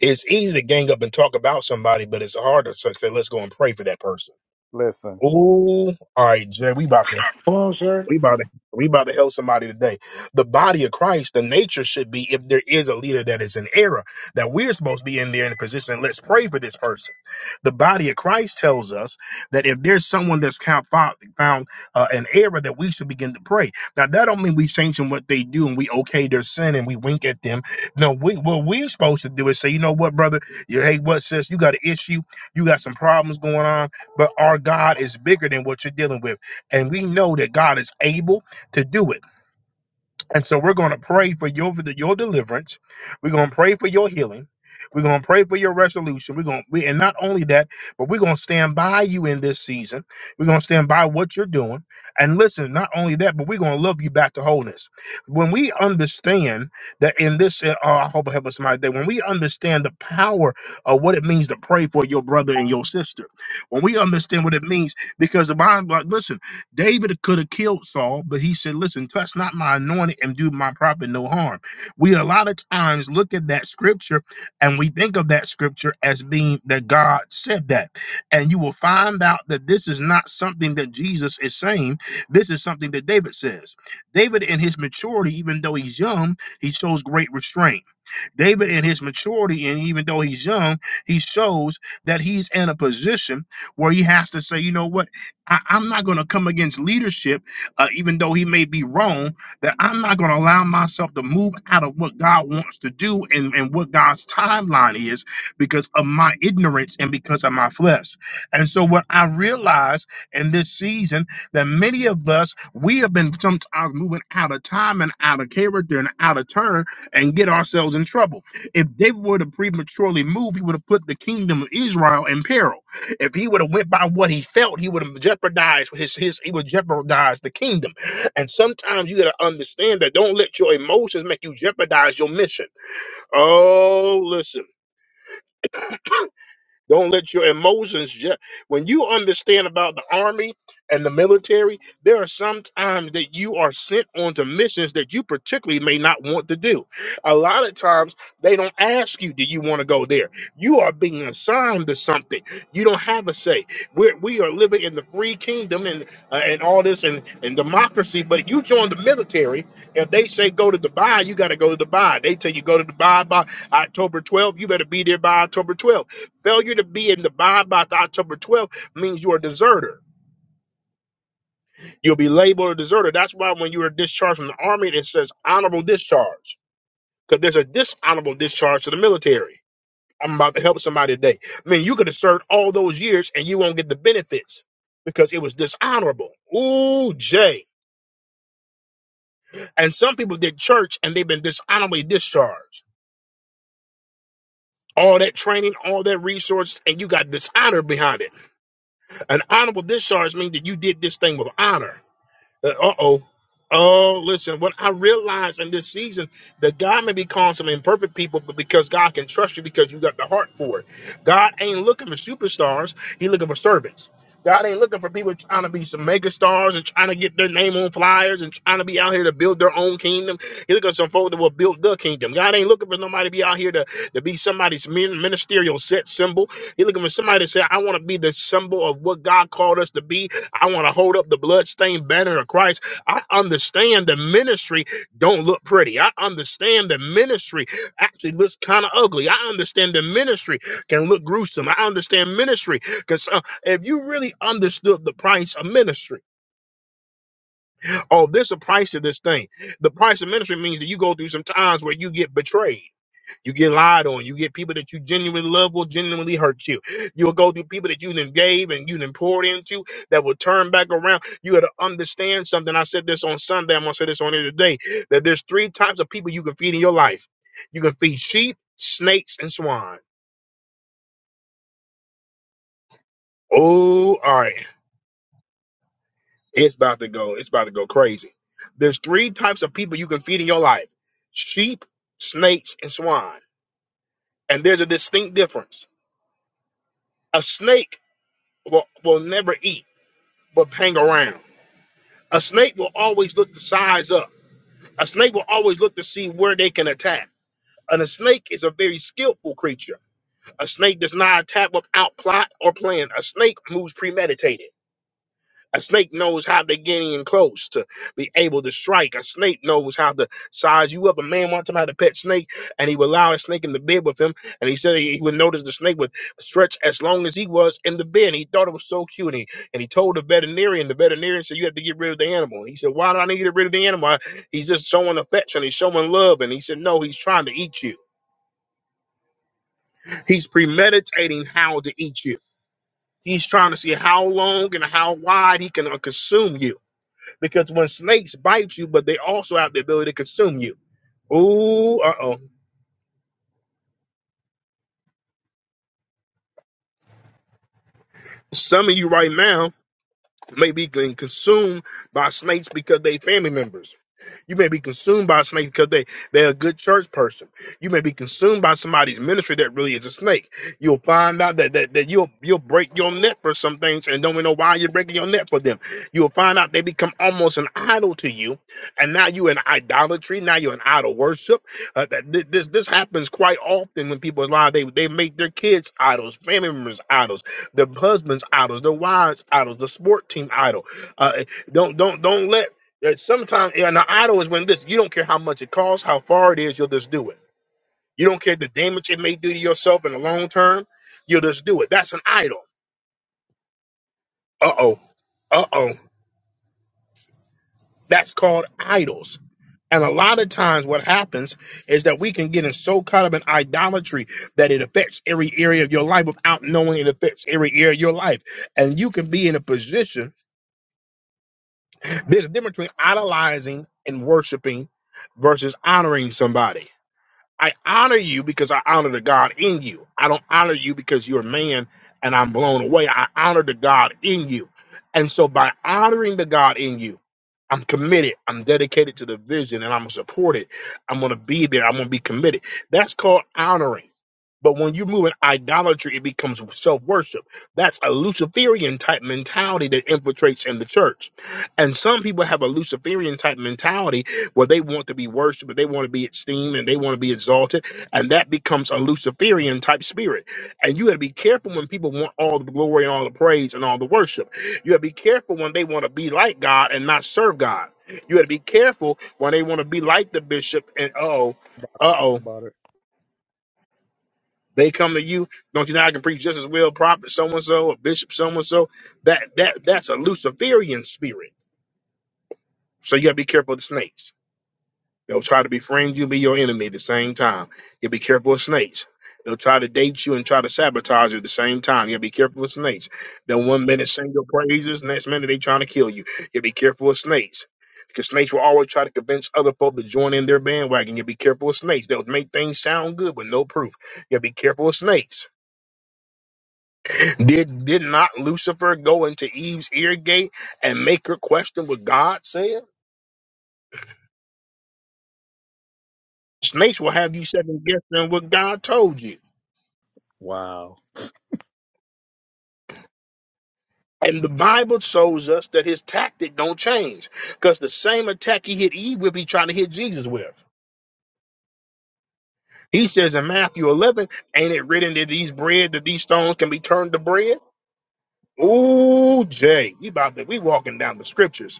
Speaker 1: It's easy to gang up and talk about somebody, but it's harder to say, let's go and pray for that person.
Speaker 3: Listen.
Speaker 1: Ooh, all right, Jay, we about to
Speaker 7: Come on, sir.
Speaker 1: We about to we about to help somebody today. The body of Christ, the nature should be if there is a leader that is in error, that we're supposed to be in there in a position. Let's pray for this person. The body of Christ tells us that if there's someone that's count- found, found uh, an error, that we should begin to pray. Now, that don't mean we changing what they do and we okay their sin and we wink at them. No, we what we're supposed to do is say, you know what, brother? You, hey, what, sis? You got an issue. You got some problems going on, but our God is bigger than what you're dealing with. And we know that God is able to do it. And so we're going to pray for your for the- your deliverance. We're going to pray for your healing. We're going to pray for your resolution. We're going to, we, and not only that, but we're going to stand by you in this season. We're going to stand by what you're doing. And listen, not only that, but we're going to love you back to wholeness. When we understand that in this, uh, oh, I hope I help us my day. When we understand the power of what it means to pray for your brother and your sister, when we understand what it means, because the Bible, listen. David could have killed Saul, but he said, Listen, touch not my anointed and do my prophet no harm. We a lot of times look at that scripture and we think of that scripture as being that God said that. And you will find out that this is not something that Jesus is saying. This is something that David says. David, in his maturity, even though he's young, he shows great restraint. David, in his maturity, and even though he's young, he shows that he's in a position where he has to say, you know what? I, I'm not going to come against leadership, uh, even though he may be wrong, that I'm not going to allow myself to move out of what God wants to do and, and what God's timeline is because of my ignorance and because of my flesh. And so, what I realized in this season that many of us, we have been sometimes moving out of time and out of character and out of turn and get ourselves in trouble. If David would have prematurely moved, he would have put the kingdom of Israel in peril. If he would have went by what he felt, he would have jeopardized his his he would jeopardize the kingdom. And sometimes you gotta understand that don't let your emotions make you jeopardize your mission. Oh, listen. Don't let your emotions. ju- When you understand about the army and the military, there are some times that you are sent onto missions that you particularly may not want to do. A lot of times they don't ask you, "Do you want to go there?" You are being assigned to something. You don't have a say. We're, we are living in the free kingdom and uh, and all this and and democracy. But you join the military, if they say go to Dubai, you got to go to Dubai. They tell you go to Dubai by October 12th. You better be there by October 12th Failure to be in the bond by October 12th means you're a deserter. You'll be labeled a deserter. That's why when you are discharged from the army, it says honorable discharge because there's a dishonorable discharge to the military. I'm about to help somebody today. I mean, you could have served all those years and you won't get the benefits because it was dishonorable. Ooh, Jay. And some people did church and they've been dishonorably discharged. All that training, all that resource, and you got dishonor behind it. An honorable discharge means that you did this thing with honor. Uh oh. Oh, listen, what I realize in this season that God may be calling some imperfect people, but because God can trust you because you got the heart for it. God ain't looking for superstars, He looking for servants. God ain't looking for people trying to be some mega stars and trying to get their name on flyers and trying to be out here to build their own kingdom. He looking for some folk that will build the kingdom. God ain't looking for nobody to be out here to, to be somebody's min- ministerial set symbol. He looking for somebody to say, I want to be the symbol of what God called us to be I want to hold up the bloodstained banner of Christ. I understand the ministry don't look pretty. I understand the ministry actually looks kind of ugly. I understand the ministry can look gruesome. I understand ministry because if you really understood the price of ministry Oh, there's a price to this thing. The price of ministry means that you go through some times where you get betrayed. You get lied on. You get people that you genuinely love will genuinely hurt you. You'll go through people that you then gave and you then poured into that will turn back around. You got to understand something. I said this on Sunday. I'm going to say this on here today that there's three types of people you can feed in your life. You can feed sheep, snakes, and swine. Oh, all right. It's about to go. It's about to go crazy. There's three types of people you can feed in your life: sheep, snakes, and swine. And there's a distinct difference. A snake will, will never eat, but hang around. A snake will always look to size up. A snake will always look to see where they can attack. And a snake is a very skillful creature. A snake does not attack without plot or plan. A snake moves premeditated. A snake knows how to get in close to be able to strike. A snake knows how to size you up. A man one time had a pet snake and he would allow a snake in the bed with him. And he said he would notice the snake would stretch as long as he was in the bed. He thought it was so cute. And he, and he told the veterinarian, the veterinarian said, You have to get rid of the animal. And he said, Why do I need to get rid of the animal? I- He's just showing affection. He's showing love. And he said, No, he's trying to eat you. He's premeditating how to eat you. He's trying to see how long and how wide he can uh, consume you. Because when snakes bite you, but they also have the ability to consume you. Ooh, uh oh. Some of you right now may be getting consumed by snakes because they family members. You may be consumed by a snake because they, they're a good church person. You may be consumed by somebody's ministry that really is a snake. You'll find out that, that, that you'll you'll break your neck for some things and don't even know why you're breaking your neck for them. You'll find out they become almost an idol to you, and now you're in idolatry, now you're in idol worship. Uh, that thi- this this happens quite often when people lie, they they make their kids idols, family members idols, their husbands idols, their wives idols, the sport team idol. Uh, don't don't don't let yeah, Sometimes yeah, and the idol is when this you don't care how much it costs, how far it is, you'll just do it. You don't care the damage it may do to yourself in the long term, you'll just do it. That's an idol. Uh oh. Uh oh. That's called idols. And a lot of times what happens is that we can get in so caught up in idolatry that it affects every area of your life without knowing it affects every area of your life. And you can be in a position, there's a difference between idolizing and worshiping versus honoring somebody I honor you because I honor the God in you. I don't honor you because you're a man and I'm blown away. I honor the God in you. And so by honoring the God in you, I'm committed. I'm dedicated to the vision and I'm going to support it. I'm going to be there. I'm going to be committed. That's called honoring. But when you move in idolatry, it becomes self worship. That's a Luciferian type mentality that infiltrates in the church. And some people have a Luciferian type mentality where they want to be worshiped, they want to be esteemed, and they want to be exalted. And that becomes a Luciferian type spirit. And you got to be careful when people want all the glory and all the praise and all the worship. You got to be careful when they want to be like God and not serve God. You got to be careful when they want to be like the bishop and uh oh,
Speaker 3: Talk
Speaker 1: uh oh.
Speaker 3: about it.
Speaker 1: They come to you. Don't you know I can preach just as well, prophet so and so, or bishop so and so. That that that's a Luciferian spirit. So you gotta be careful of the snakes. They'll try to befriend you, and be your enemy at the same time. You be careful of snakes. They'll try to date you and try to sabotage you at the same time. You gotta be careful of snakes. Then one minute sing your praises, next minute they trying to kill you. You be careful of snakes. Because snakes will always try to convince other folk to join in their bandwagon. You be careful of snakes. They'll make things sound good, but no proof. You be careful of snakes. Did did not Lucifer go into Eve's ear gate and make her question what God said? Snakes will have you second guessing what God told you.
Speaker 3: Wow.
Speaker 1: And the Bible shows us that his tactic don't change. Because the same attack he hit Eve with, he trying to hit Jesus with. He says in Matthew 11, ain't it written that these bread, that these stones can be turned to bread? Ooh, Jay, we about to, we walking down the scriptures.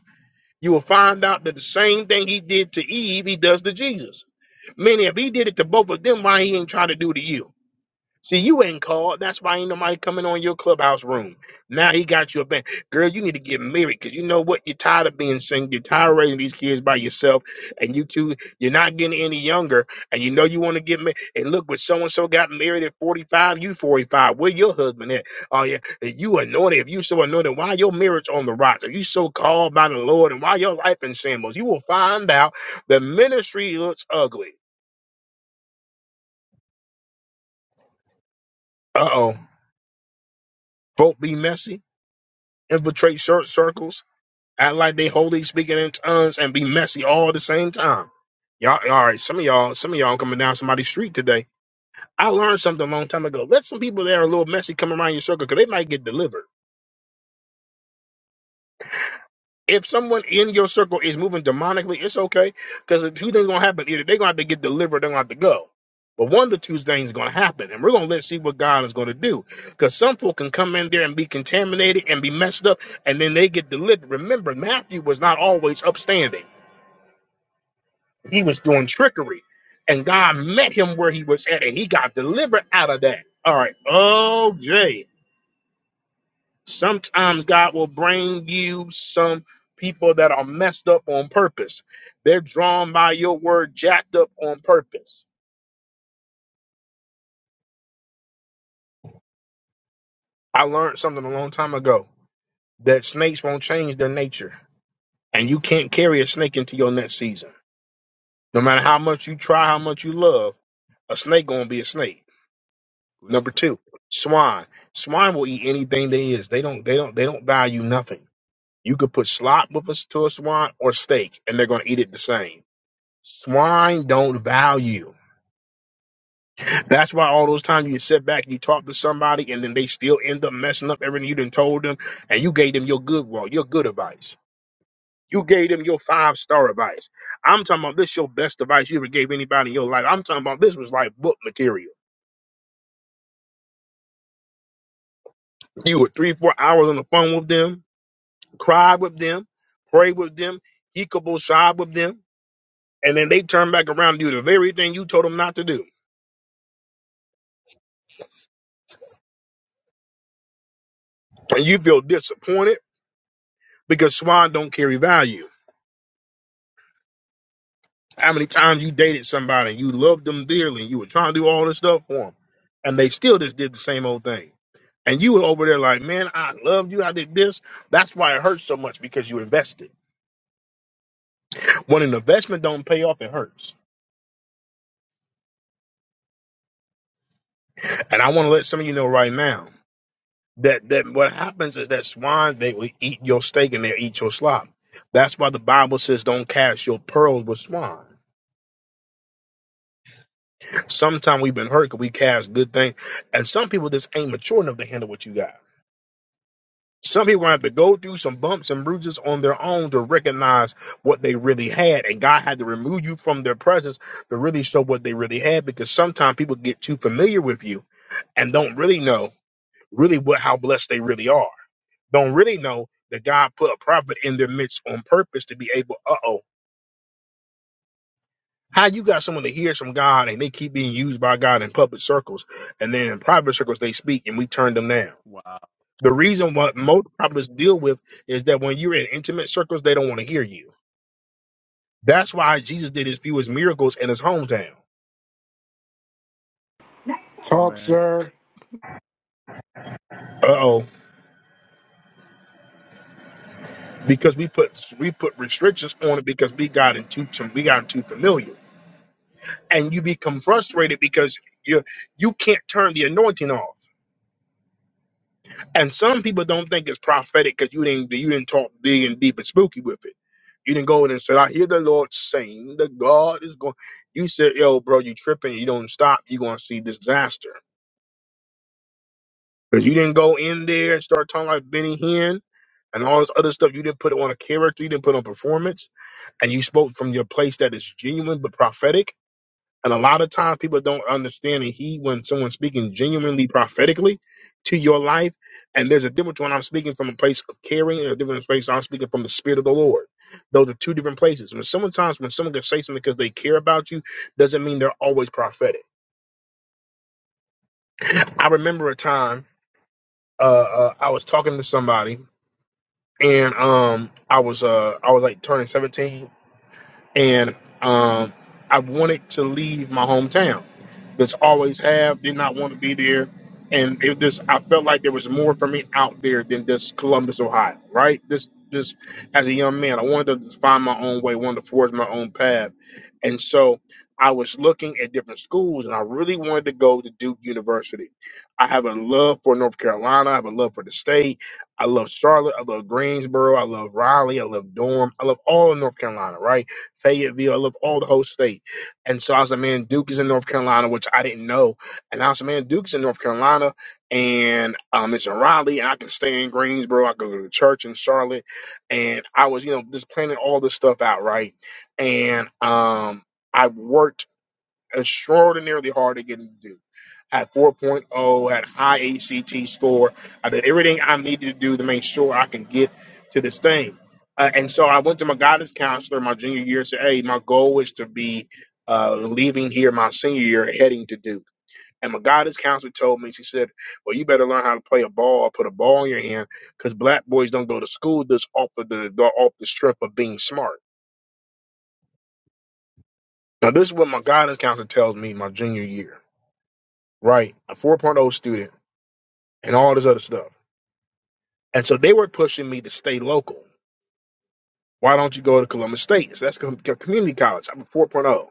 Speaker 1: You will find out that the same thing he did to Eve, he does to Jesus. Meaning, if he did it to both of them, why he ain't trying to do to you? See, you ain't called. That's why ain't nobody coming on your clubhouse room. Now he got you a band. Girl, you need to get married because you know what? You're tired of being single. You're tired of raising these kids by yourself. And you two, you're not getting any younger. And you know you want to get married. And look, when so and so got married at 45, you 45. Where your husband at? Oh, yeah. and You anointed. If you so anointed, why your marriage on the rocks? Are you so called by the Lord? And why your life in shambles? You will find out the ministry looks ugly. Uh oh. Folk be messy, infiltrate short circles, act like they holy, speaking in tongues, and be messy all at the same time. Y'all, all right. Some of y'all, some of y'all coming down somebody's street today. I learned something a long time ago. Let some people that are a little messy come around your circle because they might get delivered. if someone in your circle is moving demonically, it's okay because two things gonna happen: either they're gonna have to get delivered, they're gonna have to go. But one of the two things is gonna happen, and we're gonna let's see what God is gonna do because some folk can come in there and be contaminated and be messed up, and then they get delivered. Remember, Matthew was not always upstanding; he was doing trickery, and God met him where he was at, and he got delivered out of that. All right, oh Jay. Sometimes God will bring you some people that are messed up on purpose. They're drawn by your word, jacked up on purpose. I learned something a long time ago that snakes won't change their nature, and you can't carry a snake into your next season. No matter how much you try, how much you love, a snake gonna be a snake. Number
Speaker 3: Listen.
Speaker 1: two, swine. Swine will eat anything there is. They don't. They don't. They don't value nothing. You could put slop with us to a swine or steak, and they're gonna eat it the same. Swine don't value. That's why all those times you sit back, you talk to somebody, and then they still end up messing up everything you done told them, and you gave them your good well, your good advice. You gave them your five star advice. I'm talking about this your best advice you ever gave anybody in your life. I'm talking about this was like book material. You were three, four hours on the phone with them, cried with them, prayed with them, hiccuble side with them, and then they turn back around and do the very thing you told them not to do. And you feel disappointed because swine don't carry value. How many times you dated somebody and you loved them dearly and you were trying to do all this stuff for them and they still just did the same old thing. And you were over there like, man, I loved you. I did this. That's why it hurts so much because you invested. When an investment don't pay off, it hurts. And I want to let some of you know right now that, that what happens is that swine, they will eat your steak and they'll eat your slop. That's why the Bible says don't cast your pearls with swine. Sometimes we've been hurt because we cast good things. And some people just ain't mature enough to handle what you got. Some people have to go through some bumps and bruises on their own to recognize what they really had. And God had to remove you from their presence to really show what they really had because sometimes people get too familiar with you and don't really know really what how blessed they really are. Don't really know that God put a prophet in their midst on purpose to be able, uh oh. How you got someone that hears from God and they keep being used by God in public circles, and then in private circles they speak and we turn them down.
Speaker 3: Wow,
Speaker 1: The reason what most prophets deal with is that when you're in intimate circles, they don't want to hear you. That's why Jesus did his fewest miracles in his hometown.
Speaker 3: Oh,
Speaker 7: Talk,
Speaker 3: man.
Speaker 7: sir.
Speaker 1: Uh oh, because we put we put restrictions on it because we got into we got too familiar, and you become frustrated because you you can't turn the anointing off. And some people don't think it's prophetic because you didn't you didn't talk big and deep and spooky with it. You didn't go in and said, "I hear the Lord saying, that God is going." You said, "Yo, bro, you tripping? You don't stop. You are gonna see disaster." Because you didn't go in there and start talking like Benny Hinn and all this other stuff. You didn't put on a character, you didn't put on performance, and you spoke from your place that is genuine but prophetic. And a lot of times people don't understand and he when someone's speaking genuinely prophetically to your life. And there's a difference when I'm speaking from a place of caring and a different place I'm speaking from the spirit of the Lord. Those are two different places. When sometimes when someone can say something because they care about you, doesn't mean they're always prophetic. I remember a time uh, uh, I was talking to somebody and um I was uh I was like turning 17 and um, I wanted to leave my hometown. That's always have did not want to be there, and it just I felt like there was more for me out there than just Columbus, Ohio. Right? This this as a young man, I wanted to find my own way, wanted to forge my own path, and so I was looking at different schools, and I really wanted to go to Duke University. I have a love for North Carolina. I have a love for the state. I love Charlotte. I love Greensboro. I love Raleigh. I love Durham. I love all of North Carolina. Right? Fayetteville. I love all the whole state. And so I was like, man, Duke is in North Carolina, which I didn't know. And I was like, man, Duke's in North Carolina and um, it's in Raleigh and I can stay in Greensboro. I could go to church in Charlotte. And I was, you know, just planning all this stuff out, right? And um, I worked extraordinarily hard to get him to do. I had 4.0, had high ACT score. I did everything I needed to do to make sure I can get to this thing. Uh, and so I went to my guidance counselor my junior year and said, Hey, my goal is to be uh, leaving here my senior year, heading to Duke. And my guidance counselor told me, she said, Well, you better learn how to play a ball or put a ball in your hand because black boys don't go to school just off of the, off the strength of being smart. Now, this is what my guidance counselor tells me my junior year. right? A 4.0 student and all this other stuff. And so they were pushing me to stay local. Why don't you go to Columbus State? So that's com- community college. I'm a 4.0.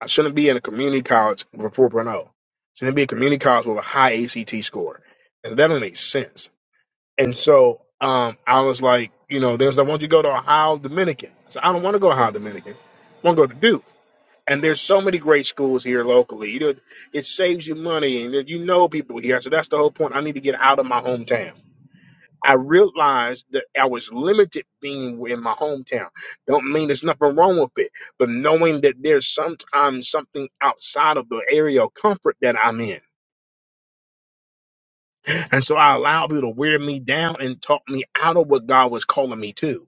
Speaker 1: I shouldn't be in a community college with a 4.0. Shouldn't be a community college with a high ACT score. And that doesn't make sense. And so um, I was like, you know, there's like, why don't you go to Ohio Dominican? I said, I don't want to go to Ohio Dominican. I want to go to Duke. And there's so many great schools here locally. You know, it saves you money, and you know people here. So that's the whole point. I need to get out of my hometown. I realized that I was limited being in my hometown. Don't mean there's nothing wrong with it, but knowing that there's sometimes something outside of the area of comfort that I'm in. And so I allowed people to wear me down and talk me out of what God was calling me to.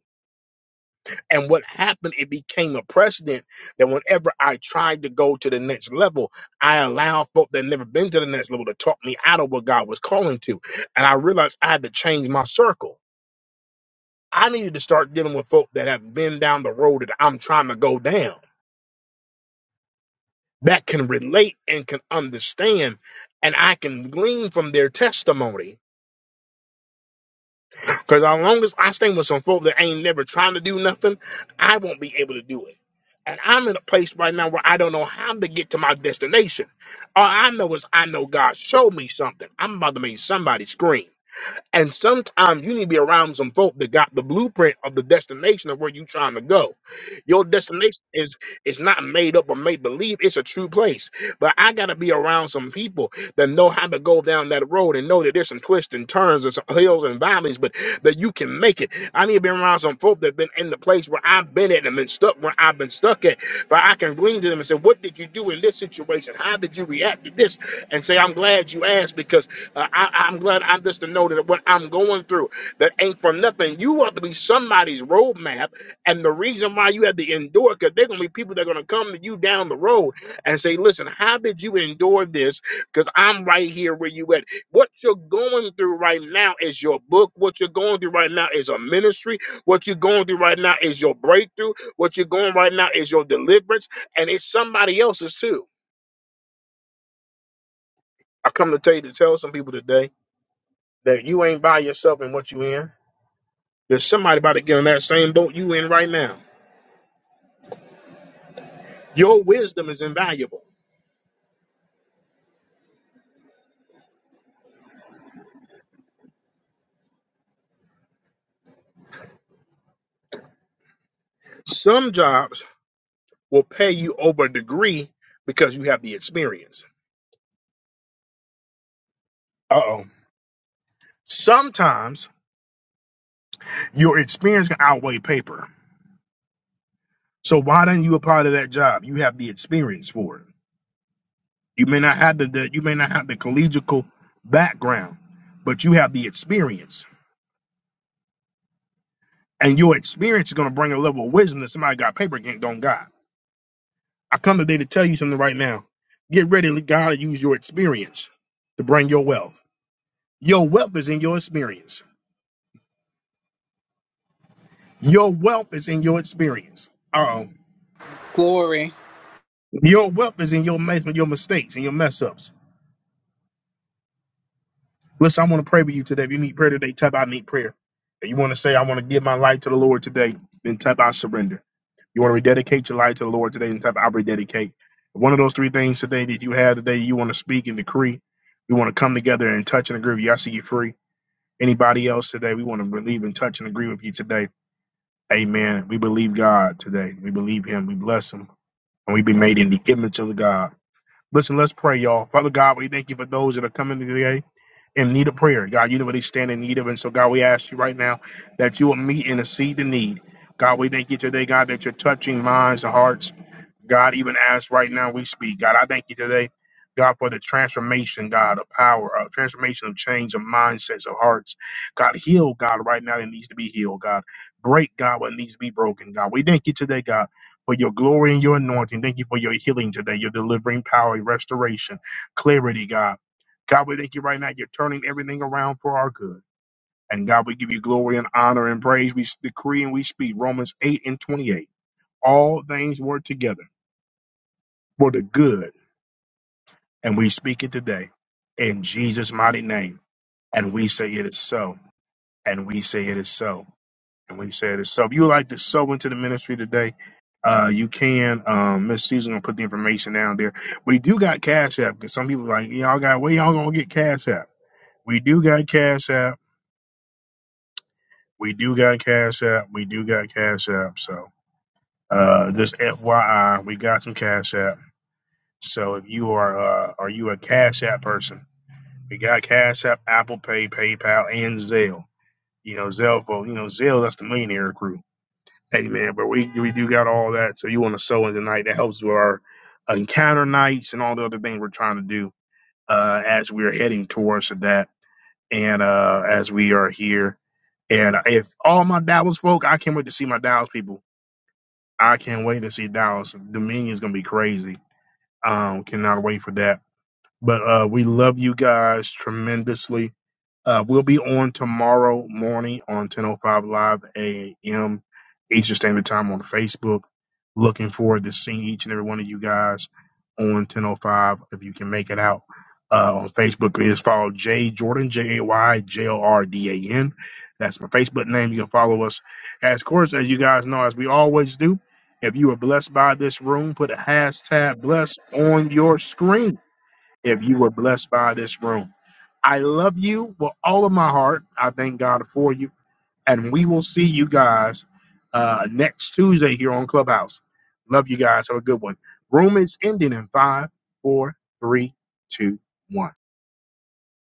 Speaker 1: And what happened, it became a precedent that whenever I tried to go to the next level, I allowed folk that never been to the next level to talk me out of what God was calling to. And I realized I had to change my circle. I needed to start dealing with folk that have been down the road that I'm trying to go down, that can relate and can understand, and I can glean from their testimony. Because as long as I stay with some folk that ain't never trying to do nothing, I won't be able to do it. And I'm in a place right now where I don't know how to get to my destination. All I know is I know God showed me something. I'm about to make somebody scream. And sometimes you need to be around some folk that got the blueprint of the destination of where you trying to go. Your destination is is not made up or made believe. It's a true place. But I gotta be around some people that know how to go down that road and know that there's some twists and turns and some hills and valleys, but that you can make it. I need to be around some folk that been in the place where I've been at and been stuck where I've been stuck at. But I can glean to them and say, What did you do in this situation? How did you react to this? And say, I'm glad you asked because I, I- I'm glad I'm just to know that what I'm going through that ain't for nothing. You ought to be somebody's roadmap, and the reason why you had to endure because they're gonna be people that are gonna come to you down the road and say, "Listen, how did you endure this? Because I'm right here where you at. What you're going through right now is your book. What you're going through right now is a ministry. What you're going through right now is your breakthrough. What you're going right now is your deliverance, and it's somebody else's too." I come to tell you to tell some people today. that you ain't by yourself in what you in. There's somebody about to get in that same boat you in right now. Your wisdom is invaluable. Some jobs will pay you over a degree because you have the experience. Uh oh. Sometimes your experience can outweigh paper. So why don't you apply to that job? You have the experience for it. You may not have the, the you may not have the collegial background, but you have the experience. And your experience is gonna bring a level of wisdom that somebody got paper can't don't got. I come today to tell you something right now. Get ready, let God use your experience to bring your wealth. Your wealth is in your experience. Your wealth is in your experience. Uh oh.
Speaker 6: Glory.
Speaker 1: Your wealth is in your mess, your mistakes and your mess ups. Listen, I want to pray with you today. If you need prayer today, type I need prayer. If you want to say, I want to give my life to the Lord today, then type I surrender. You want to rededicate your life to the Lord today, then type I rededicate. One of those three things today that you have today, you want to speak and decree. We want to come together and touch and agree. with you. I see you free. Anybody else today, we want to believe and touch and agree with you today. Amen. We believe God today. We believe Him. We bless Him. And we be made in the image of God. Listen, let's pray, y'all. Father God, we thank you for those that are coming today in need of prayer. God, you know what they stand in need of. And so, God, we ask you right now that you will meet and exceed the need. God, we thank you today, God, that you're touching minds and hearts. God, even as right now we speak, God, I thank you today, God, for the transformation, God, of power, of transformation of change of mindsets, of hearts. God, heal, God, right now that needs to be healed, God. Break, God, what needs to be broken, God. We thank you today, God, for your glory and your anointing. Thank you for your healing today, your delivering power, your restoration, clarity, God. God, we thank you right now. You're turning everything around for our good. And God, we give you glory and honor and praise. We decree and we speak Romans 8 and 28. All things work together for the good. And we speak it today in Jesus' mighty name. And we say it is so. And we say it is so. And we say it is so. If you would like to sow into the ministry today, uh, you can. Um, Miss Susan gonna put the information down there. We do got Cash App because some people are like y'all got where y'all gonna get Cash App. We do got Cash App. We do got Cash App. We do got Cash App. So uh, just FYI, we got some Cash App. So if you are uh, are you a Cash App person? We got Cash App, Apple Pay, PayPal, and Zelle. You know, Zelle for you know Zelle. That's the millionaire crew. Hey man, but we we do got all that. So you want to sew in tonight? That helps with our encounter nights and all the other things we're trying to do uh, as we are heading towards that, and uh, as we are here. And if all my Dallas folk, I can't wait to see my Dallas people. I can't wait to see Dallas. Dominion's gonna be crazy. Um, cannot wait for that. But uh, we love you guys tremendously Uh, we'll be on tomorrow morning on 10:05 live a.m. Eastern Standard Time on Facebook. Looking forward to seeing each and every one of you guys on 10:05 if you can make it out. Uh, on Facebook, please follow J Jordan J A Y J O R D A N. That's my Facebook name. You can follow us. As of course, as you guys know, as we always do, if you were blessed by this room, put a hashtag blessed on your screen if you were blessed by this room. I love you with all of my heart. I thank God for you. And we will see you guys uh, next Tuesday here on Clubhouse. Love you guys. Have a good one. Room is ending in five, four, three, two, one.